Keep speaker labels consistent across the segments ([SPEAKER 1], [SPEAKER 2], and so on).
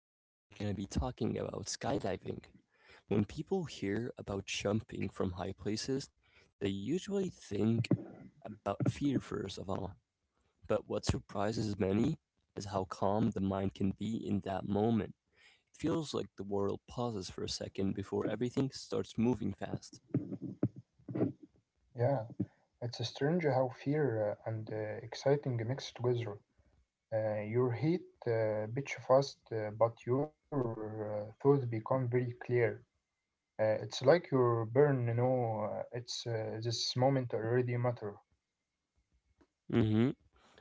[SPEAKER 1] Today we're going to be talking about skydiving. When people hear about jumping from high places, they usually think about fear first of all. But what surprises many is how calm the mind can be in that moment. It feels like the world pauses for a second before everything starts moving fast.
[SPEAKER 2] Yeah, it's strange how fear and exciting mix together. Your heat beats fast, but your thoughts become very clear. It's like your burn, it's this moment already matter.
[SPEAKER 1] Mhm.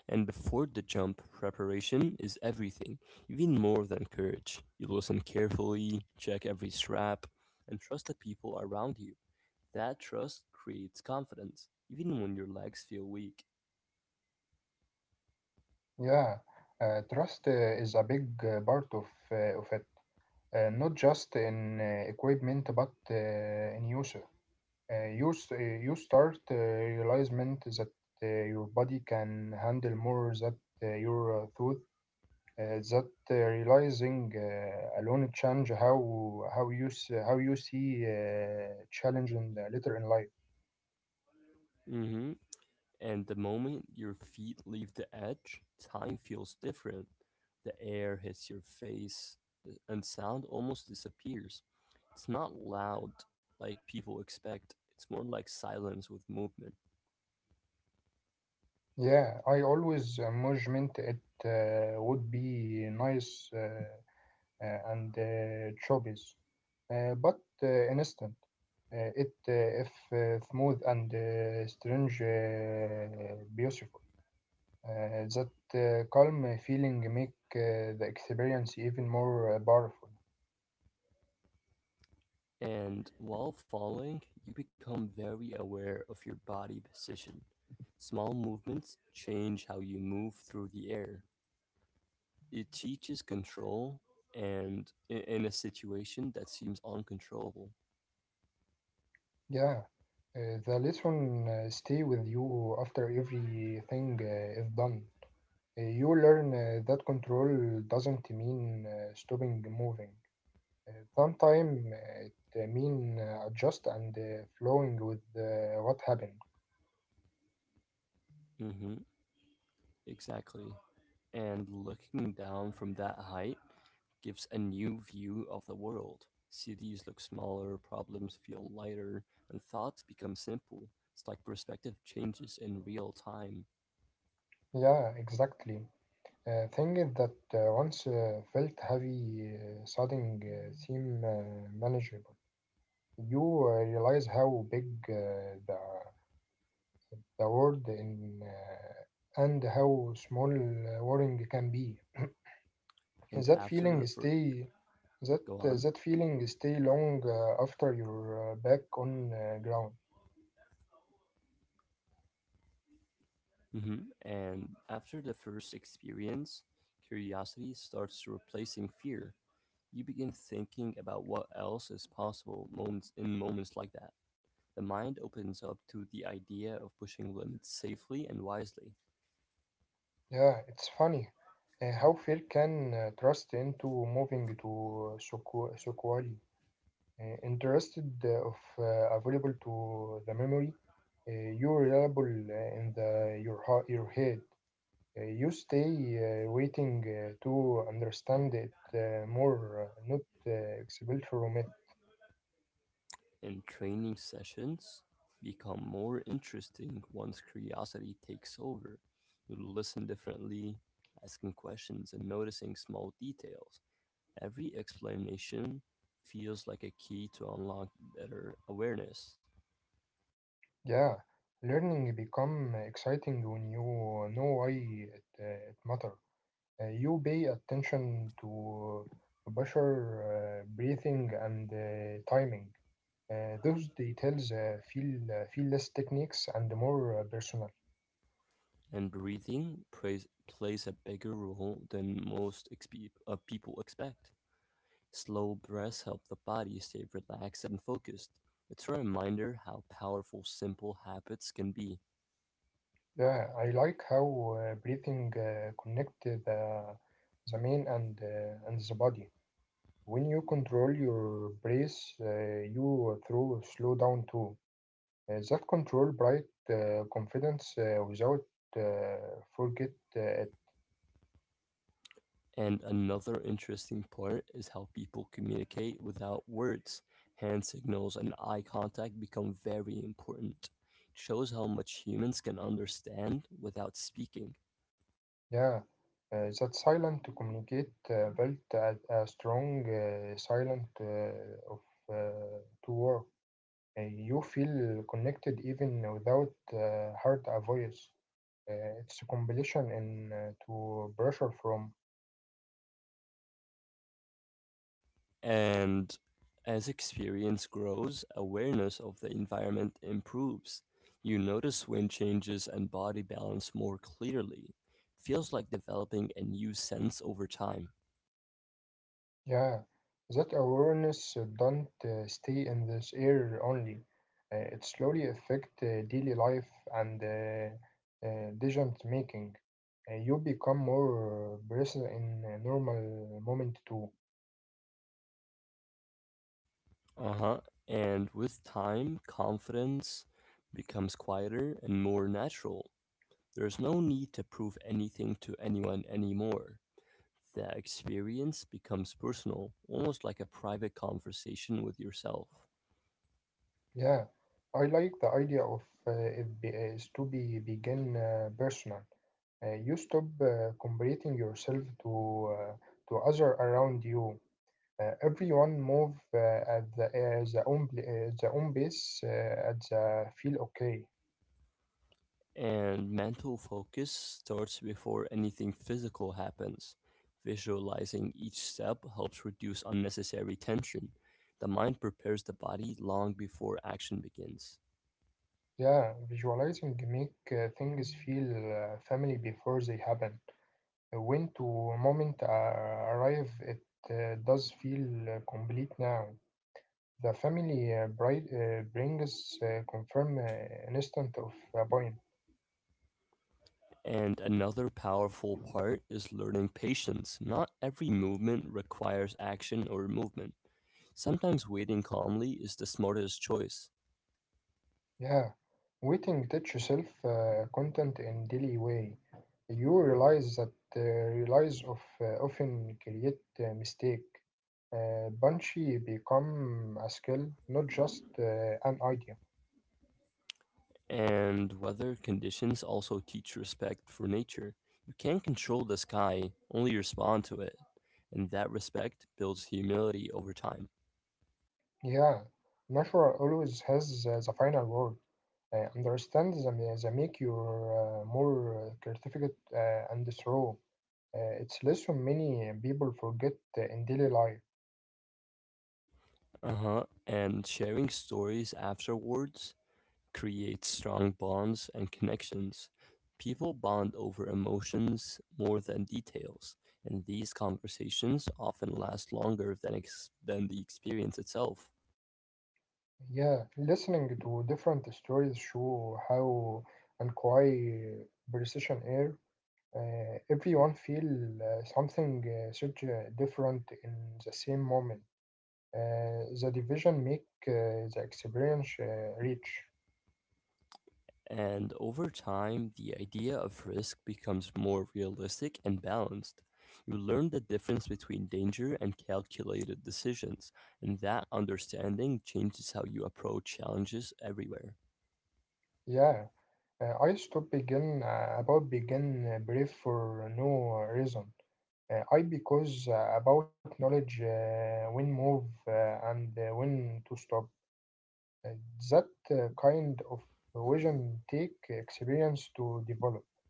[SPEAKER 1] And before the jump, preparation is everything, even more than courage. You listen carefully, check every strap, and trust the people around you. That trust creates confidence, even when your legs feel weak.
[SPEAKER 2] Yeah, trust is a big part of it, not just in equipment, but in user. You start realizement that your body can handle more that your thought. That Realizing alone change how you see challenge in the later in life.
[SPEAKER 1] Hmm. And the moment your feet leave the edge, time feels different. The air hits your face, and sound almost disappears. It's not loud like people expect, it's more like silence with movement.
[SPEAKER 2] Yeah, I always imagined it would be nice and choppy, but instant. It if smooth and strange, beautiful. That calm feeling make the experience even more powerful.
[SPEAKER 1] And while falling, you become very aware of your body position. Small movements change how you move through the air. It teaches control and in a situation that seems uncontrollable.
[SPEAKER 2] Yeah, the lesson stay with you after everything is done. You learn that control doesn't mean stopping moving. Sometimes it mean adjust and flowing with what happened.
[SPEAKER 1] Hmm, exactly. And looking down from that height gives a new view of the world. Cities look smaller, problems feel lighter, and thoughts become simple. It's like perspective changes in real time.
[SPEAKER 2] Yeah, exactly. Thing is that once felt heavy, sudden seem manageable. You realize how big uh, the the world in and how small worrying can be.
[SPEAKER 1] And
[SPEAKER 2] That
[SPEAKER 1] after the
[SPEAKER 2] feeling
[SPEAKER 1] fir-
[SPEAKER 2] stay that
[SPEAKER 1] Go on.
[SPEAKER 2] that feeling stay long after you're back on ground.
[SPEAKER 1] Hmm. And after the first experience, curiosity starts replacing fear. You begin thinking about what else is possible moments in moments like that. The mind opens up to the idea of pushing limits safely and wisely.
[SPEAKER 2] Yeah, it's funny how fear can trust into moving to Sokwali. Interested of available to the memory, uh, you're reliable in the your heart, your head. You stay waiting to understand it more, not expelled from it.
[SPEAKER 1] And training sessions become more interesting once curiosity takes over. You listen differently, asking questions and noticing small details. Every explanation feels like a key to unlock better awareness,
[SPEAKER 2] Yeah, learning become exciting when you know why it, it matter. You pay attention to pressure, breathing, and timing. Those details feel less techniques and more personal.
[SPEAKER 1] and breathing plays a bigger role than most people expect. Slow breaths help the body stay relaxed and focused. It's a reminder how powerful simple habits can be.
[SPEAKER 2] Yeah, I like how breathing connect the main and and the body. When you control your breath, you through slow down too. That control bright confidence without forget it.
[SPEAKER 1] And another interesting part is how people communicate without words. Hand signals and eye contact become very important. It shows how much humans can understand without speaking.
[SPEAKER 2] Yeah, that silent to communicate built a strong silent of uh, to work. You feel connected even without heard a voice. It's a combination in to pressure from.
[SPEAKER 1] And as experience grows, awareness of the environment improves. You notice wind changes and body balance more clearly. It feels like developing a new sense over time.
[SPEAKER 2] Yeah, that awareness don't stay in this air only. It slowly affect daily life and decision making. You become more present in a normal moment too.
[SPEAKER 1] Uh-huh. And with time, confidence becomes quieter and more natural. There's no need to prove anything to anyone anymore. The experience becomes personal, almost like a private conversation with yourself.
[SPEAKER 2] Yeah, I like the idea of is to be begin personal. You stop comparing yourself to other around you. Everyone move at the own the own pace at the feel okay.
[SPEAKER 1] And mental focus starts before anything physical happens. Visualizing each step helps reduce unnecessary tension. The mind prepares the body long before action begins.
[SPEAKER 2] Yeah, visualizing make things feel family before they happen. When to moment arrive, it does feel complete now. The family brings confirm an instant of point.
[SPEAKER 1] And another powerful part is learning patience. Not every movement requires action or movement. Sometimes waiting calmly is the smartest choice.
[SPEAKER 2] Yeah, waiting teach yourself content in daily way. You realize that realize of often create mistake. Banshee become a skill, not just an idea.
[SPEAKER 1] And weather conditions also teach respect for nature. You can't control the sky, only respond to it. And that respect builds humility over time.
[SPEAKER 2] Yeah, natural always has the final word. The make you more certificate and throw. It's lesson many people forget in daily life.
[SPEAKER 1] Uh huh. And sharing stories afterwards creates strong bonds and connections. People bond over emotions more than details, and these conversations often last longer than the experience itself.
[SPEAKER 2] Yeah, listening to different stories show how and why precision air everyone feel something such different in the same moment. The division make the experience rich.
[SPEAKER 1] And over time, the idea of risk becomes more realistic and balanced. You learn the difference between danger and calculated decisions, and that understanding changes how you approach challenges everywhere.
[SPEAKER 2] Yeah, I stop begin about begin brief for no reason. I because about knowledge when move and when to stop. Uh, That kind of vision take experience to develop.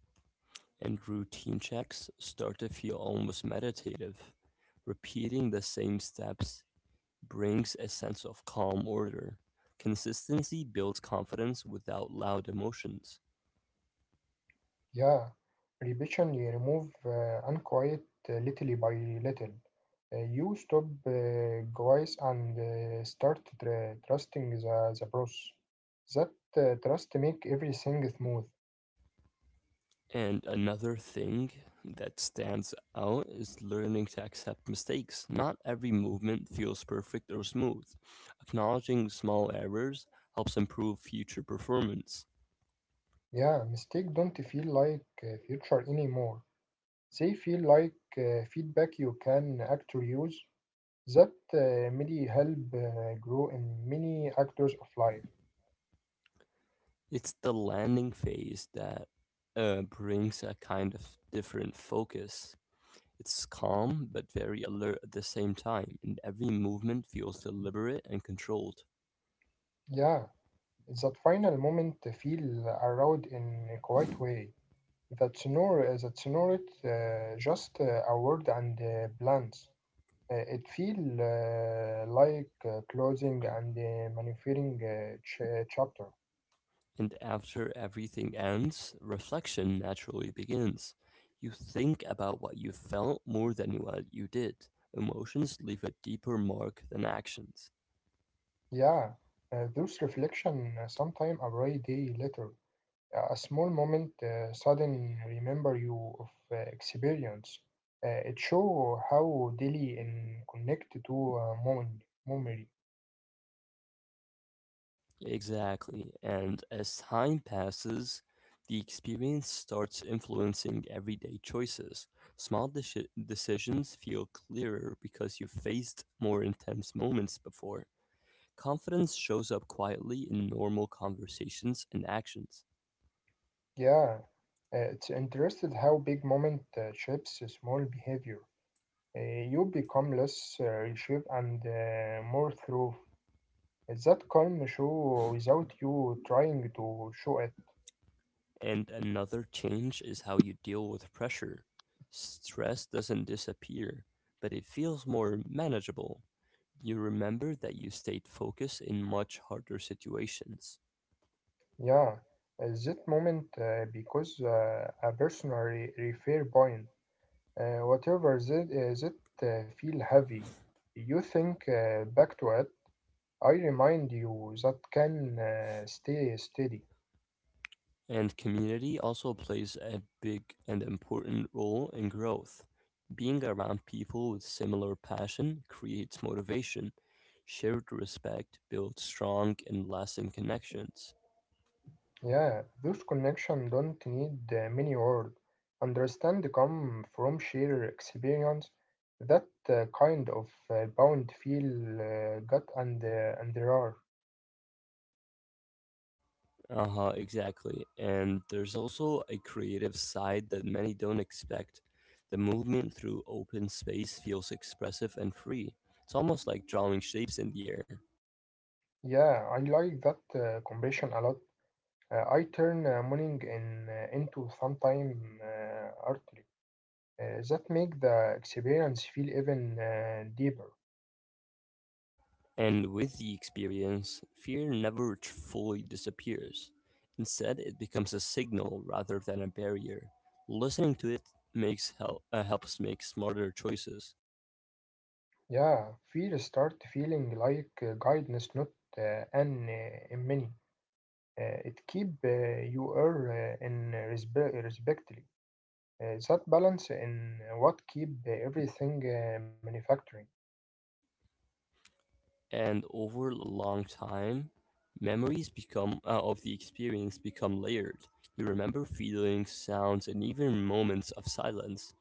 [SPEAKER 1] And routine checks start to feel almost meditative. Repeating the same steps brings a sense of calm order. Consistency builds confidence without loud emotions.
[SPEAKER 2] Yeah, repetition you remove unquiet little by little. You stop guys and start trusting the process. That trust make everything smooth.
[SPEAKER 1] And another thing that stands out is learning to accept mistakes. Not every movement feels perfect or smooth. Acknowledging small errors helps improve future performance.
[SPEAKER 2] Yeah, mistake don't feel like future anymore. They feel like feedback you can actually use. That really help grow in many actors of life.
[SPEAKER 1] It's the landing phase that brings a kind of different focus. It's calm but very alert at the same time, and every movement feels deliberate and controlled.
[SPEAKER 2] Yeah, that final moment feel around in a quiet way. That's not just a word and plans. It feel like closing and manufacturing chapter.
[SPEAKER 1] And after everything ends, reflection naturally begins. You think about what you felt more than what you did. Emotions leave a deeper mark than actions.
[SPEAKER 2] Yeah, those reflection sometime a bright day later. A small moment sudden remember you of experience. It show how daily and connect to moment, memory.
[SPEAKER 1] Exactly. And as time passes, the experience starts influencing everyday choices. Small decisions feel clearer because you faced more intense moments before. Confidence shows up quietly in normal conversations and actions.
[SPEAKER 2] Yeah, it's interested how big moment shapes a small behavior. Uh, you become less reshaped and more through. It's that calm show without you trying to show it.
[SPEAKER 1] And another change is how you deal with pressure. Stress doesn't disappear, but it feels more manageable. You remember that you stayed focused in much harder situations.
[SPEAKER 2] Yeah, that moment because a personal refer point. Whatever that feel heavy, you think back to it. I remind you that can stay steady.
[SPEAKER 1] And community also plays a big and important role in growth. Being around people with similar passion creates motivation. Shared respect builds strong and lasting connections.
[SPEAKER 2] Yeah, those connections don't need many words. Understand come from sheer experience. That kind of bound feel gut and and there are.
[SPEAKER 1] Uh-huh, exactly. And there's also a creative side that many don't expect. The movement through open space feels expressive and free. It's almost like drawing shapes in the air.
[SPEAKER 2] Yeah, I like that combination a lot. I turn morning in into sometime artery. That make the experience feel even deeper.
[SPEAKER 1] And with the experience, fear never fully disappears. Instead, it becomes a signal rather than a barrier. Listening to it makes help helps make smarter choices.
[SPEAKER 2] Yeah, fear start feeling like guidance, not an enemy. It keep you are in respectfully. That balance in what keep everything manufacturing.
[SPEAKER 1] And over a long time, memories become of the experience become layered. You remember feelings, sounds, and even moments of silence.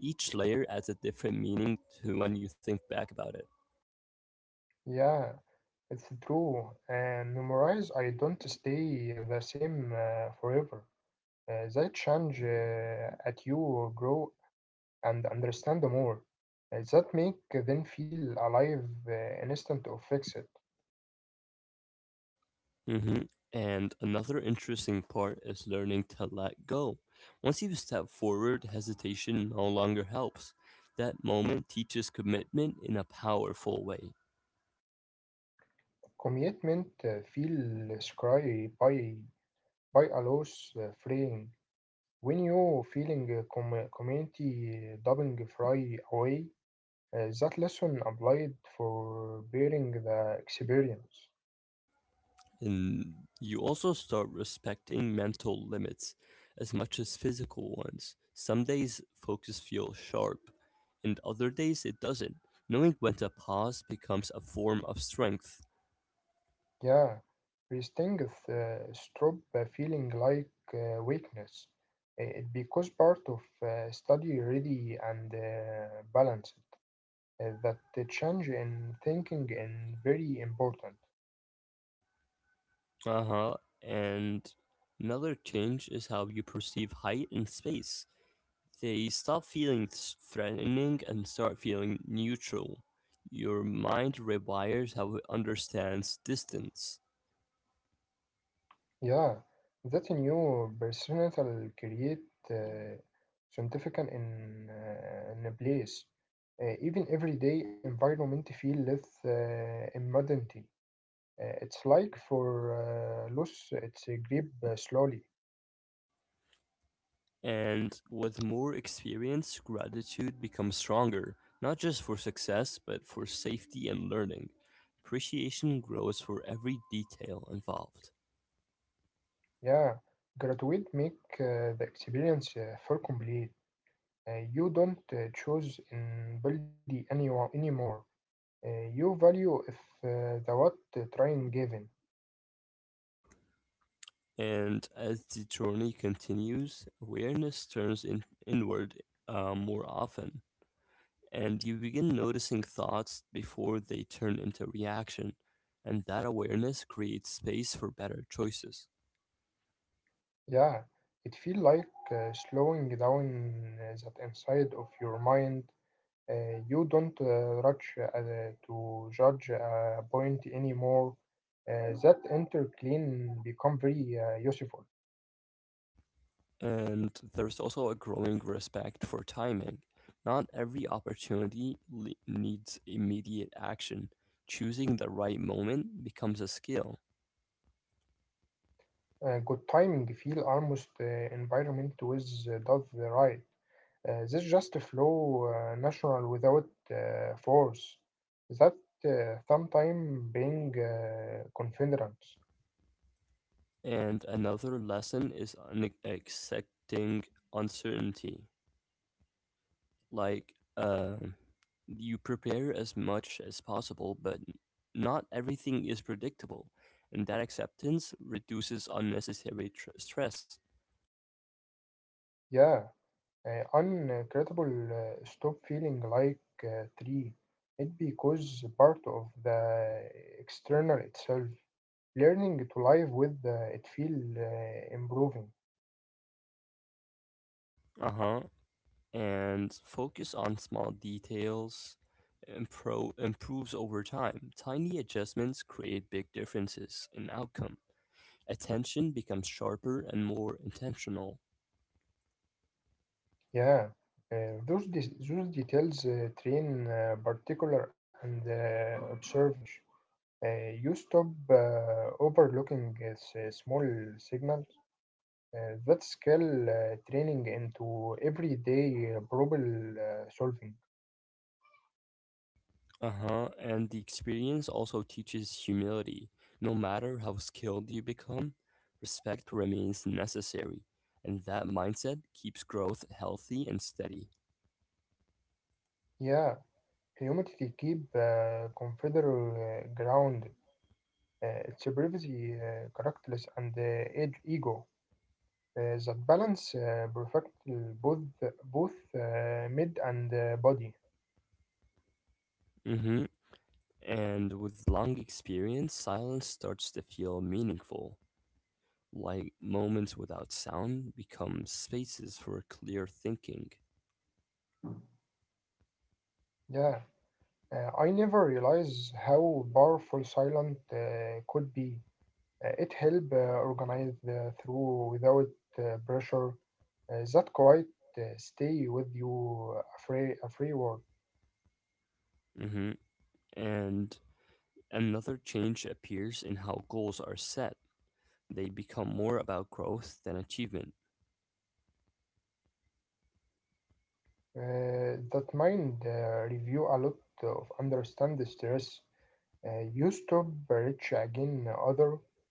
[SPEAKER 1] Each layer adds a different meaning to when you think back about it.
[SPEAKER 2] Yeah, it's true. Memorize. I don't stay the same forever. They change at you grow and understand them more. That make them feel alive instant of fix it.
[SPEAKER 1] Hmm. And another interesting part is learning to let go. Once you step forward, hesitation no longer helps. That moment teaches commitment in a powerful way.
[SPEAKER 2] Commitment feel scry by a loss freeing. When you feeling community dubbing fry away, that lesson applied for bearing the experience.
[SPEAKER 1] And you also start respecting mental limits as much as physical ones. Some days focus feels sharp, and other days it doesn't. Knowing when to pause becomes a form of strength.
[SPEAKER 2] Yeah, resting is stop feeling like weakness. It because part of study ready and balanced. That the change in thinking is very important.
[SPEAKER 1] Uh huh. And another change is how you perceive height and space. They stop threatening and start feeling neutral. Your mind rewires how it understands distance.
[SPEAKER 2] Yeah, that a new personal create uh, scientific in in a place. Even everyday environment feel less immodernity. It's like for loss, it's a grip slowly.
[SPEAKER 1] And with more experience, gratitude becomes stronger, not just for success, but for safety and learning. Appreciation grows for every detail involved.
[SPEAKER 2] Yeah, graduate make the experience full complete. You don't choose in building anyone anymore. You value if the what trying given.
[SPEAKER 1] And as the journey continues, awareness turns inward more often, and you begin noticing thoughts before they turn into reaction. And that awareness creates space for better choices.
[SPEAKER 2] Yeah, it feel like slowing down that inside of your mind. You don't rush to judge a point anymore. That inner clean become very useful.
[SPEAKER 1] And there's also a growing respect for timing. Not every needs immediate action. Choosing the right moment becomes a skill.
[SPEAKER 2] Good timing feel almost environment with Dove right. This just flow natural without force. That sometime being confidence.
[SPEAKER 1] And another lesson is accepting uncertainty. Like, you prepare as much as possible, but not everything is predictable. And that acceptance reduces stress.
[SPEAKER 2] Yeah, uncredible stop feeling like tree. It because part of the external itself. Learning to live with it feel improving.
[SPEAKER 1] Uh huh. And focus on small details improves over time. Tiny adjustments create big differences in outcome. Attention becomes sharper and more intentional.
[SPEAKER 2] Yeah, those details train particular and observers. You stop overlooking small signals. That scale training into everyday problem solving.
[SPEAKER 1] Uh huh. And the experience also teaches humility. No matter how skilled you become, respect remains necessary. And that mindset keeps growth healthy and steady.
[SPEAKER 2] Yeah, humanity keep consider grounded. It's a privacy, characterless, and ego. That balance perfect both both mid and body.
[SPEAKER 1] Mm hmm. And with long experience, silence starts to feel meaningful, like moments without sound become spaces for clear thinking.
[SPEAKER 2] Yeah, I never realized how powerful silent could be. It helped organize through without pressure. That quiet stay with you a free word.
[SPEAKER 1] Hmm. And another change appears in how goals are set. They become more about growth than achievement.
[SPEAKER 2] That mind review a lot of understand the stress. You stop rich again other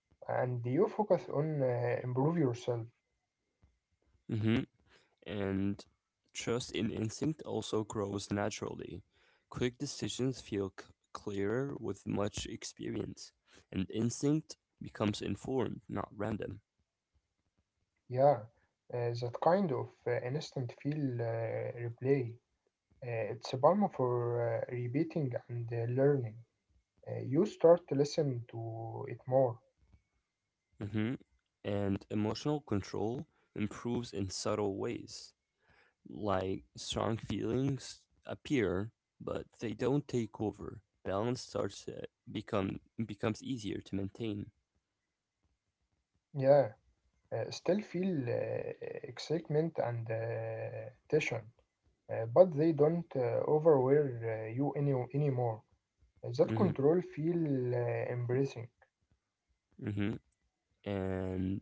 [SPEAKER 2] and you focus on improve yourself.
[SPEAKER 1] Hmm. And trust in instinct also grows naturally. Quick decisions clearer with much experience, and instinct becomes informed, not random.
[SPEAKER 2] Yeah, that kind of instant feel replay. It's a balm for repeating and learning. You start to listen to it more.
[SPEAKER 1] Mhm. And emotional control improves in subtle ways. Like strong feelings appear, but they don't take over. Balance starts to become becomes easier to maintain.
[SPEAKER 2] Yeah, still feel excitement and tension, but they don't overwhelm you anymore. That
[SPEAKER 1] Mhm.
[SPEAKER 2] control feel embracing.
[SPEAKER 1] Mhm. And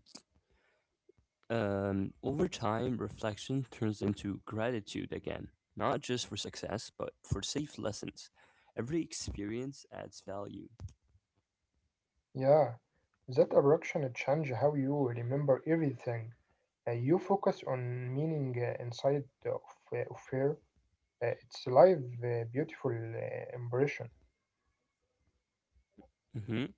[SPEAKER 1] over time, reflection turns into gratitude again, not just for success, but for safe lessons. Every experience adds value.
[SPEAKER 2] Yeah, that abraction change how you remember everything. You focus on meaning inside of fear. It's live, beautiful impression.
[SPEAKER 1] Mhm.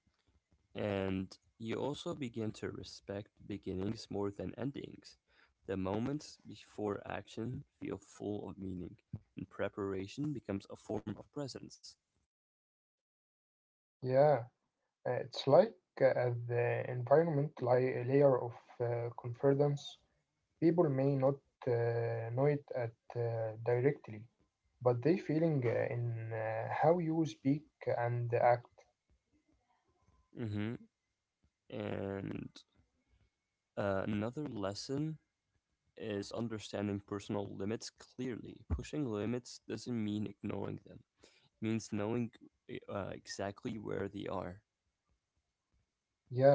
[SPEAKER 1] And you also begin to respect beginnings more than endings. The moments before action feel full of meaning, and preparation becomes a form of presence.
[SPEAKER 2] Yeah, it's like the environment layer of confidence. People may not know it at directly, but they feeling in how you speak and act.
[SPEAKER 1] Hmm. And another lesson is understanding personal limits clearly. Pushing limits doesn't mean ignoring them, it means knowing exactly where they are.
[SPEAKER 2] Yeah,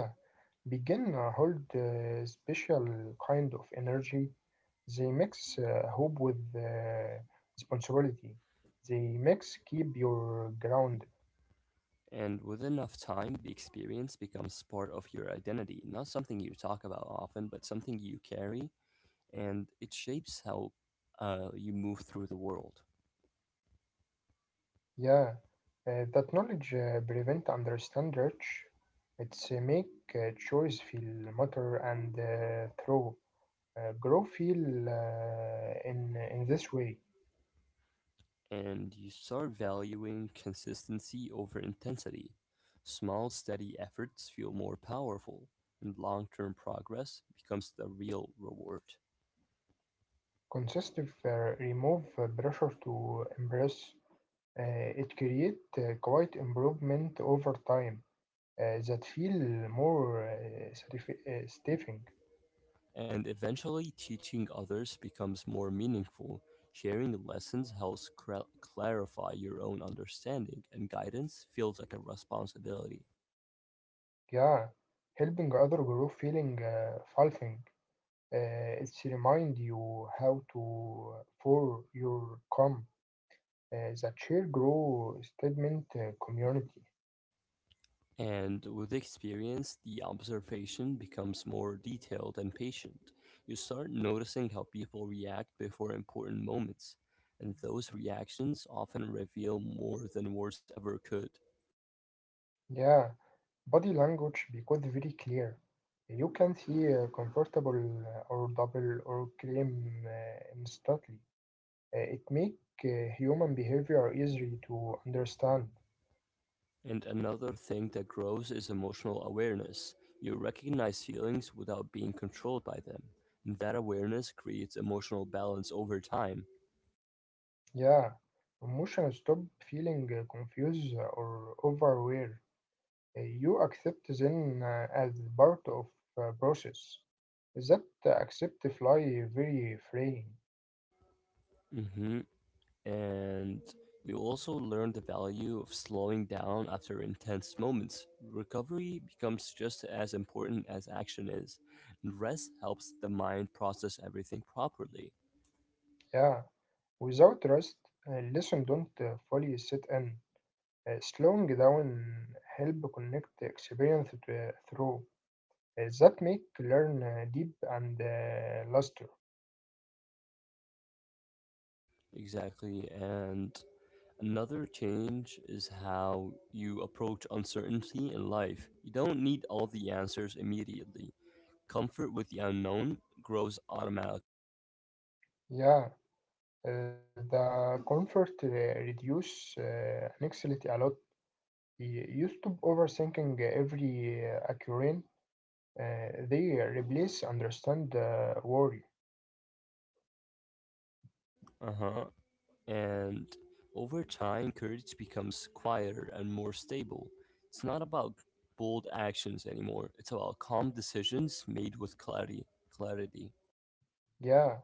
[SPEAKER 2] begin hold special kind of energy. They mix hope with responsibility. They mix keep your ground.
[SPEAKER 1] And with enough time, the experience becomes part of your identity, not something you talk about often, but something you carry, and it shapes how you move through the world.
[SPEAKER 2] Yeah, that knowledge prevent understand rich. It's make choice feel matter and through grow feel in this way.
[SPEAKER 1] And you start valuing consistency over intensity. Small, steady efforts feel more powerful, and long term progress becomes the real reward.
[SPEAKER 2] Consistent remove pressure to impress. It create quite improvement over time that feel more stifling.
[SPEAKER 1] And eventually teaching others becomes more meaningful. Sharing lessons helps clarify your own understanding, and guidance feels like a responsibility.
[SPEAKER 2] Yeah, helping other grow feeling fulfilling. It's remind you how to for your come the chair grow statement community.
[SPEAKER 1] And with experience, the observation becomes more detailed and patient. You start noticing how people react before important moments, and those reactions often reveal more than words ever could.
[SPEAKER 2] Yeah, body language because very clear. You can see comfortable or double or claim instantly. It make human behavior easy to understand.
[SPEAKER 1] And another thing that grows is emotional awareness. You recognize feelings without being controlled by them. That awareness creates emotional balance over time.
[SPEAKER 2] Yeah, emotion stop feeling confused or overwhelmed. You accept them as part of process. That accept fly very freeing.
[SPEAKER 1] Hmm. And you also learn the value of slowing down after intense moments. Recovery becomes just as important as action is. And rest helps the mind process everything properly.
[SPEAKER 2] Yeah. Without rest, lesson don't fully set in. Slowing down help connect experience to, through. That make learn deep and luster.
[SPEAKER 1] Exactly. And another change is how you approach uncertainty in life. You don't need all the answers immediately. Comfort with the unknown grows automatically.
[SPEAKER 2] Yeah. The comfort reduce anxiety a lot. You stop overthinking every occurrence. They replace understand worry.
[SPEAKER 1] Uh huh. And over time, courage becomes quieter and more stable. It's not about bold actions anymore, it's about calm decisions made with clarity. Clarity.
[SPEAKER 2] Yeah,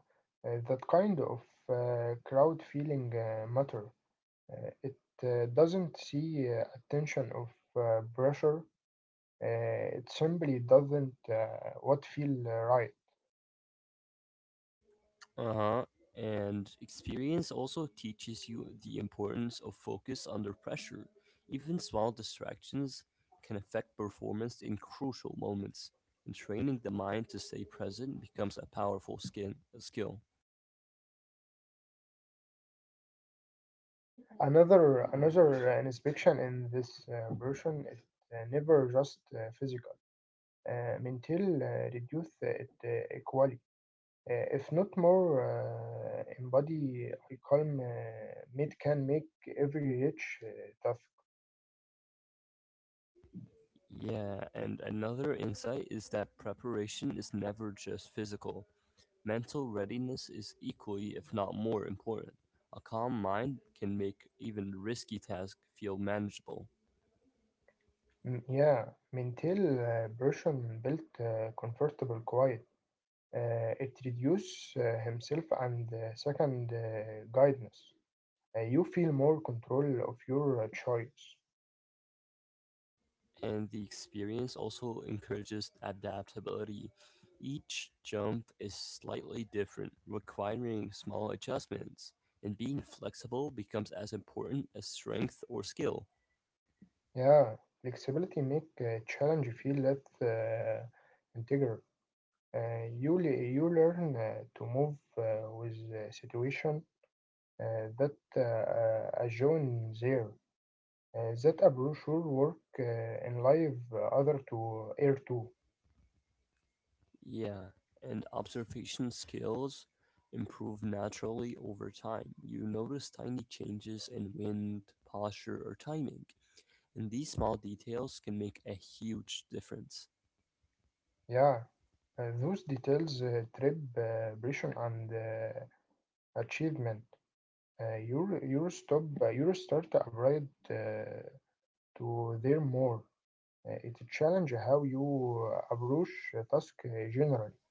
[SPEAKER 2] that kind of crowd feeling matter. It doesn't see attention of pressure. It simply doesn't what feel right.
[SPEAKER 1] Uh huh. And experience also teaches you the importance of focus under pressure. Even small distractions can affect performance in crucial moments. And training the mind to stay present becomes a skill.
[SPEAKER 2] Another inspection in this version is never just physical. Mental reduce it equally. If not more, Embody Icon Mid can make every rich task.
[SPEAKER 1] Yeah, and another insight is that preparation is never just physical. Mental readiness is equally, if not more, important. A calm mind can make even risky tasks feel manageable.
[SPEAKER 2] Mm, yeah, Mintel version built comfortable quiet. It reduce himself and second guidance. You feel more control of your choice.
[SPEAKER 1] And the experience also encourages adaptability. Each jump is slightly different, requiring small adjustments, and being flexible becomes as important as strength or skill.
[SPEAKER 2] Yeah, flexibility make challenge feel less integral. You, you learn to move with situation that a John there, that a brochure work in live other to air too.
[SPEAKER 1] Yeah, and observation skills improve naturally over time. You notice tiny changes in wind, posture, or timing, and these small details can make a huge difference.
[SPEAKER 2] Yeah, those details trip pressure and achievement. Your stop your start abroad to there more. It challenge how you approach a task generally.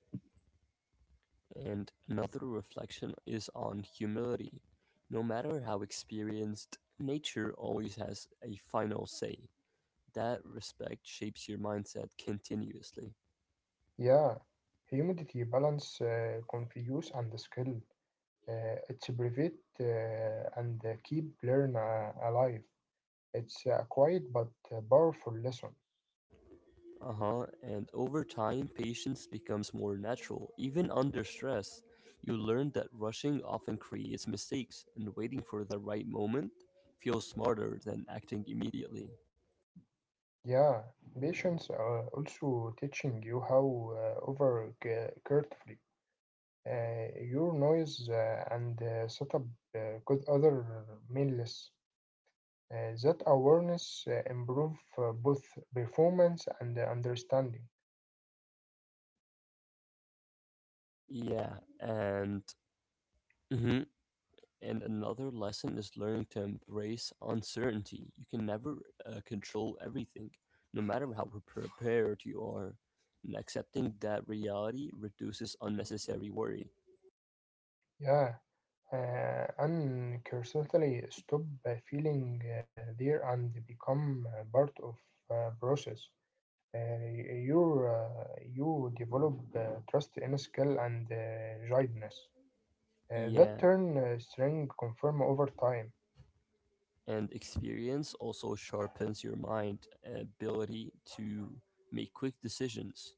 [SPEAKER 1] And another reflection is on humility. No matter how experienced, nature always has a final say. That respect shapes your mindset continuously.
[SPEAKER 2] Yeah, humidity balance, confuse and skill. It's private and keep learn alive. It's a quiet but powerful lesson.
[SPEAKER 1] Uh huh. And over time, patience becomes more natural, even under stress. You learn that rushing often creates mistakes, and waiting for the right moment feels smarter than acting immediately.
[SPEAKER 2] Yeah, patience are also teaching you how over carefully your noise and setup uh, good other meaningless. That awareness improve both performance and understanding.
[SPEAKER 1] Yeah, and mhm. And another lesson is learning to embrace uncertainty. You can never control everything, no matter how prepared you are. And accepting that reality reduces unnecessary worry.
[SPEAKER 2] Yeah, and constantly stop feeling there and become part of process. Uh, you develop trust in skill and guidance that
[SPEAKER 1] Yeah,
[SPEAKER 2] turn strength confirm over time.
[SPEAKER 1] and experience also sharpens your mind ability to make quick decisions.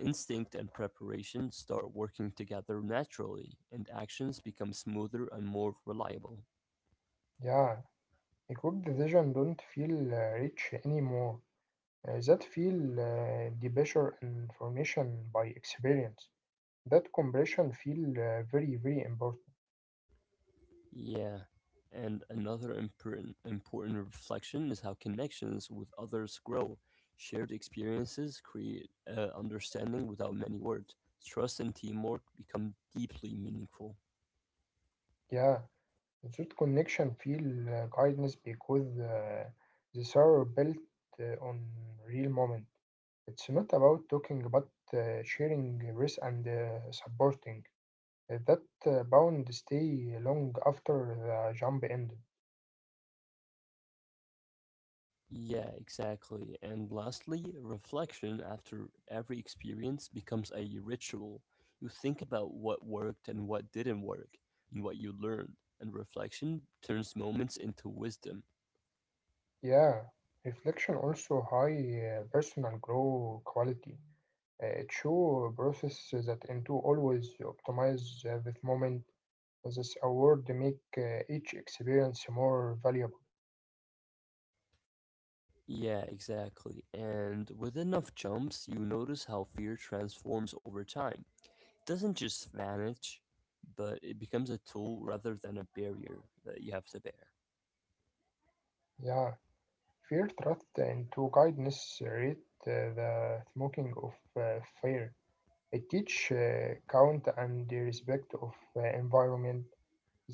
[SPEAKER 1] Instinct and preparation start working together naturally, and actions become smoother and more reliable.
[SPEAKER 2] Yeah, a good decision don't feel rich anymore. That feel the pressure information by experience. That compression feel very very important.
[SPEAKER 1] Yeah. And another important reflection is how connections with others grow. Shared experiences create understanding without many words. Trust and teamwork become deeply meaningful.
[SPEAKER 2] Yeah. That connection field guidance because the server built on real moment. It's not about talking but sharing risk and supporting. That bound stay long after the jump ended.
[SPEAKER 1] Yeah, exactly. And lastly, reflection after every experience becomes a ritual. You think about what worked and what didn't work, and what you learned, and reflection turns moments into wisdom.
[SPEAKER 2] Yeah, reflection also high personal grow quality. It show process that into always optimize this moment. This award make each experience more valuable.
[SPEAKER 1] Yeah, exactly. And with enough jumps, you notice how fear transforms over time. It doesn't just vanish, but it becomes a tool rather than a barrier that you have to bear.
[SPEAKER 2] Yeah. Fear thrust into kindness read the smoking of fire. It teach count and the respect of environment.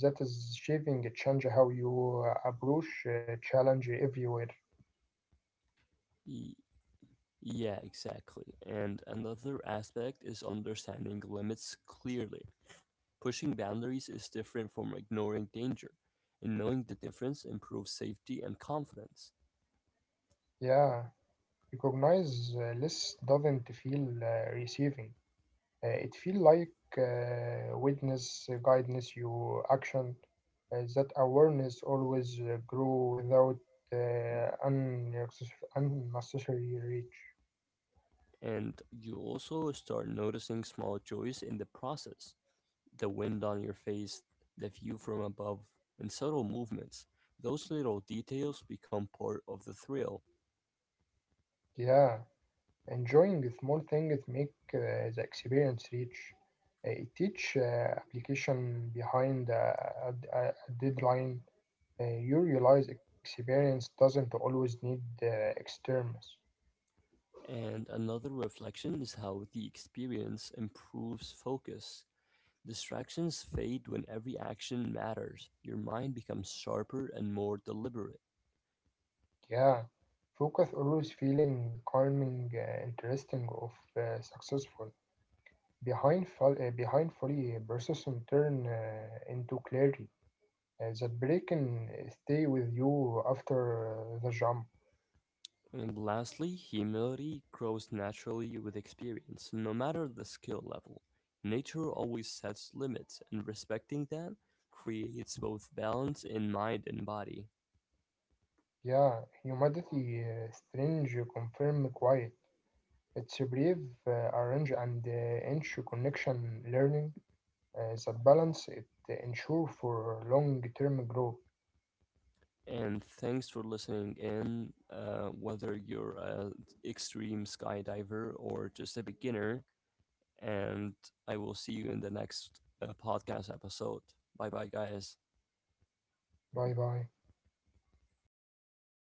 [SPEAKER 2] That is shaping change how you approach challenge everywhere.
[SPEAKER 1] Y- yeah, exactly. And another aspect is understanding limits clearly. Pushing boundaries is different from ignoring danger, and knowing the difference improves safety and confidence.
[SPEAKER 2] Yeah, recognize less doesn't feel receiving. It feel like witness guidance your action. That awareness always grow without unnecessary reach.
[SPEAKER 1] And you also start noticing small joys in the process, the wind on your face, the view from above, and subtle movements. Those little details become part of the thrill.
[SPEAKER 2] Yeah, enjoying the small things make the experience rich. It teach application behind a deadline. You realize experience doesn't always need extremes.
[SPEAKER 1] And another reflection is how the experience improves focus. Distractions fade when every action matters. Your mind becomes sharper and more deliberate.
[SPEAKER 2] Yeah, focus always feeling calming, interesting, of successful. Behind, behind fully persistent turn into clarity. That break can stay with you after the jump.
[SPEAKER 1] And lastly, humility grows naturally with experience, no matter the skill level. Nature always sets limits, and respecting that creates both balance in mind and body.
[SPEAKER 2] Yeah, humidity, strange, confirm, quiet. It's a brief arrange and inch connection learning. That balance it ensure for long-term growth.
[SPEAKER 1] And thanks for listening in. Whether you're an extreme skydiver or just a beginner, and I will see you in the next podcast episode. Bye bye, guys.
[SPEAKER 2] Bye bye.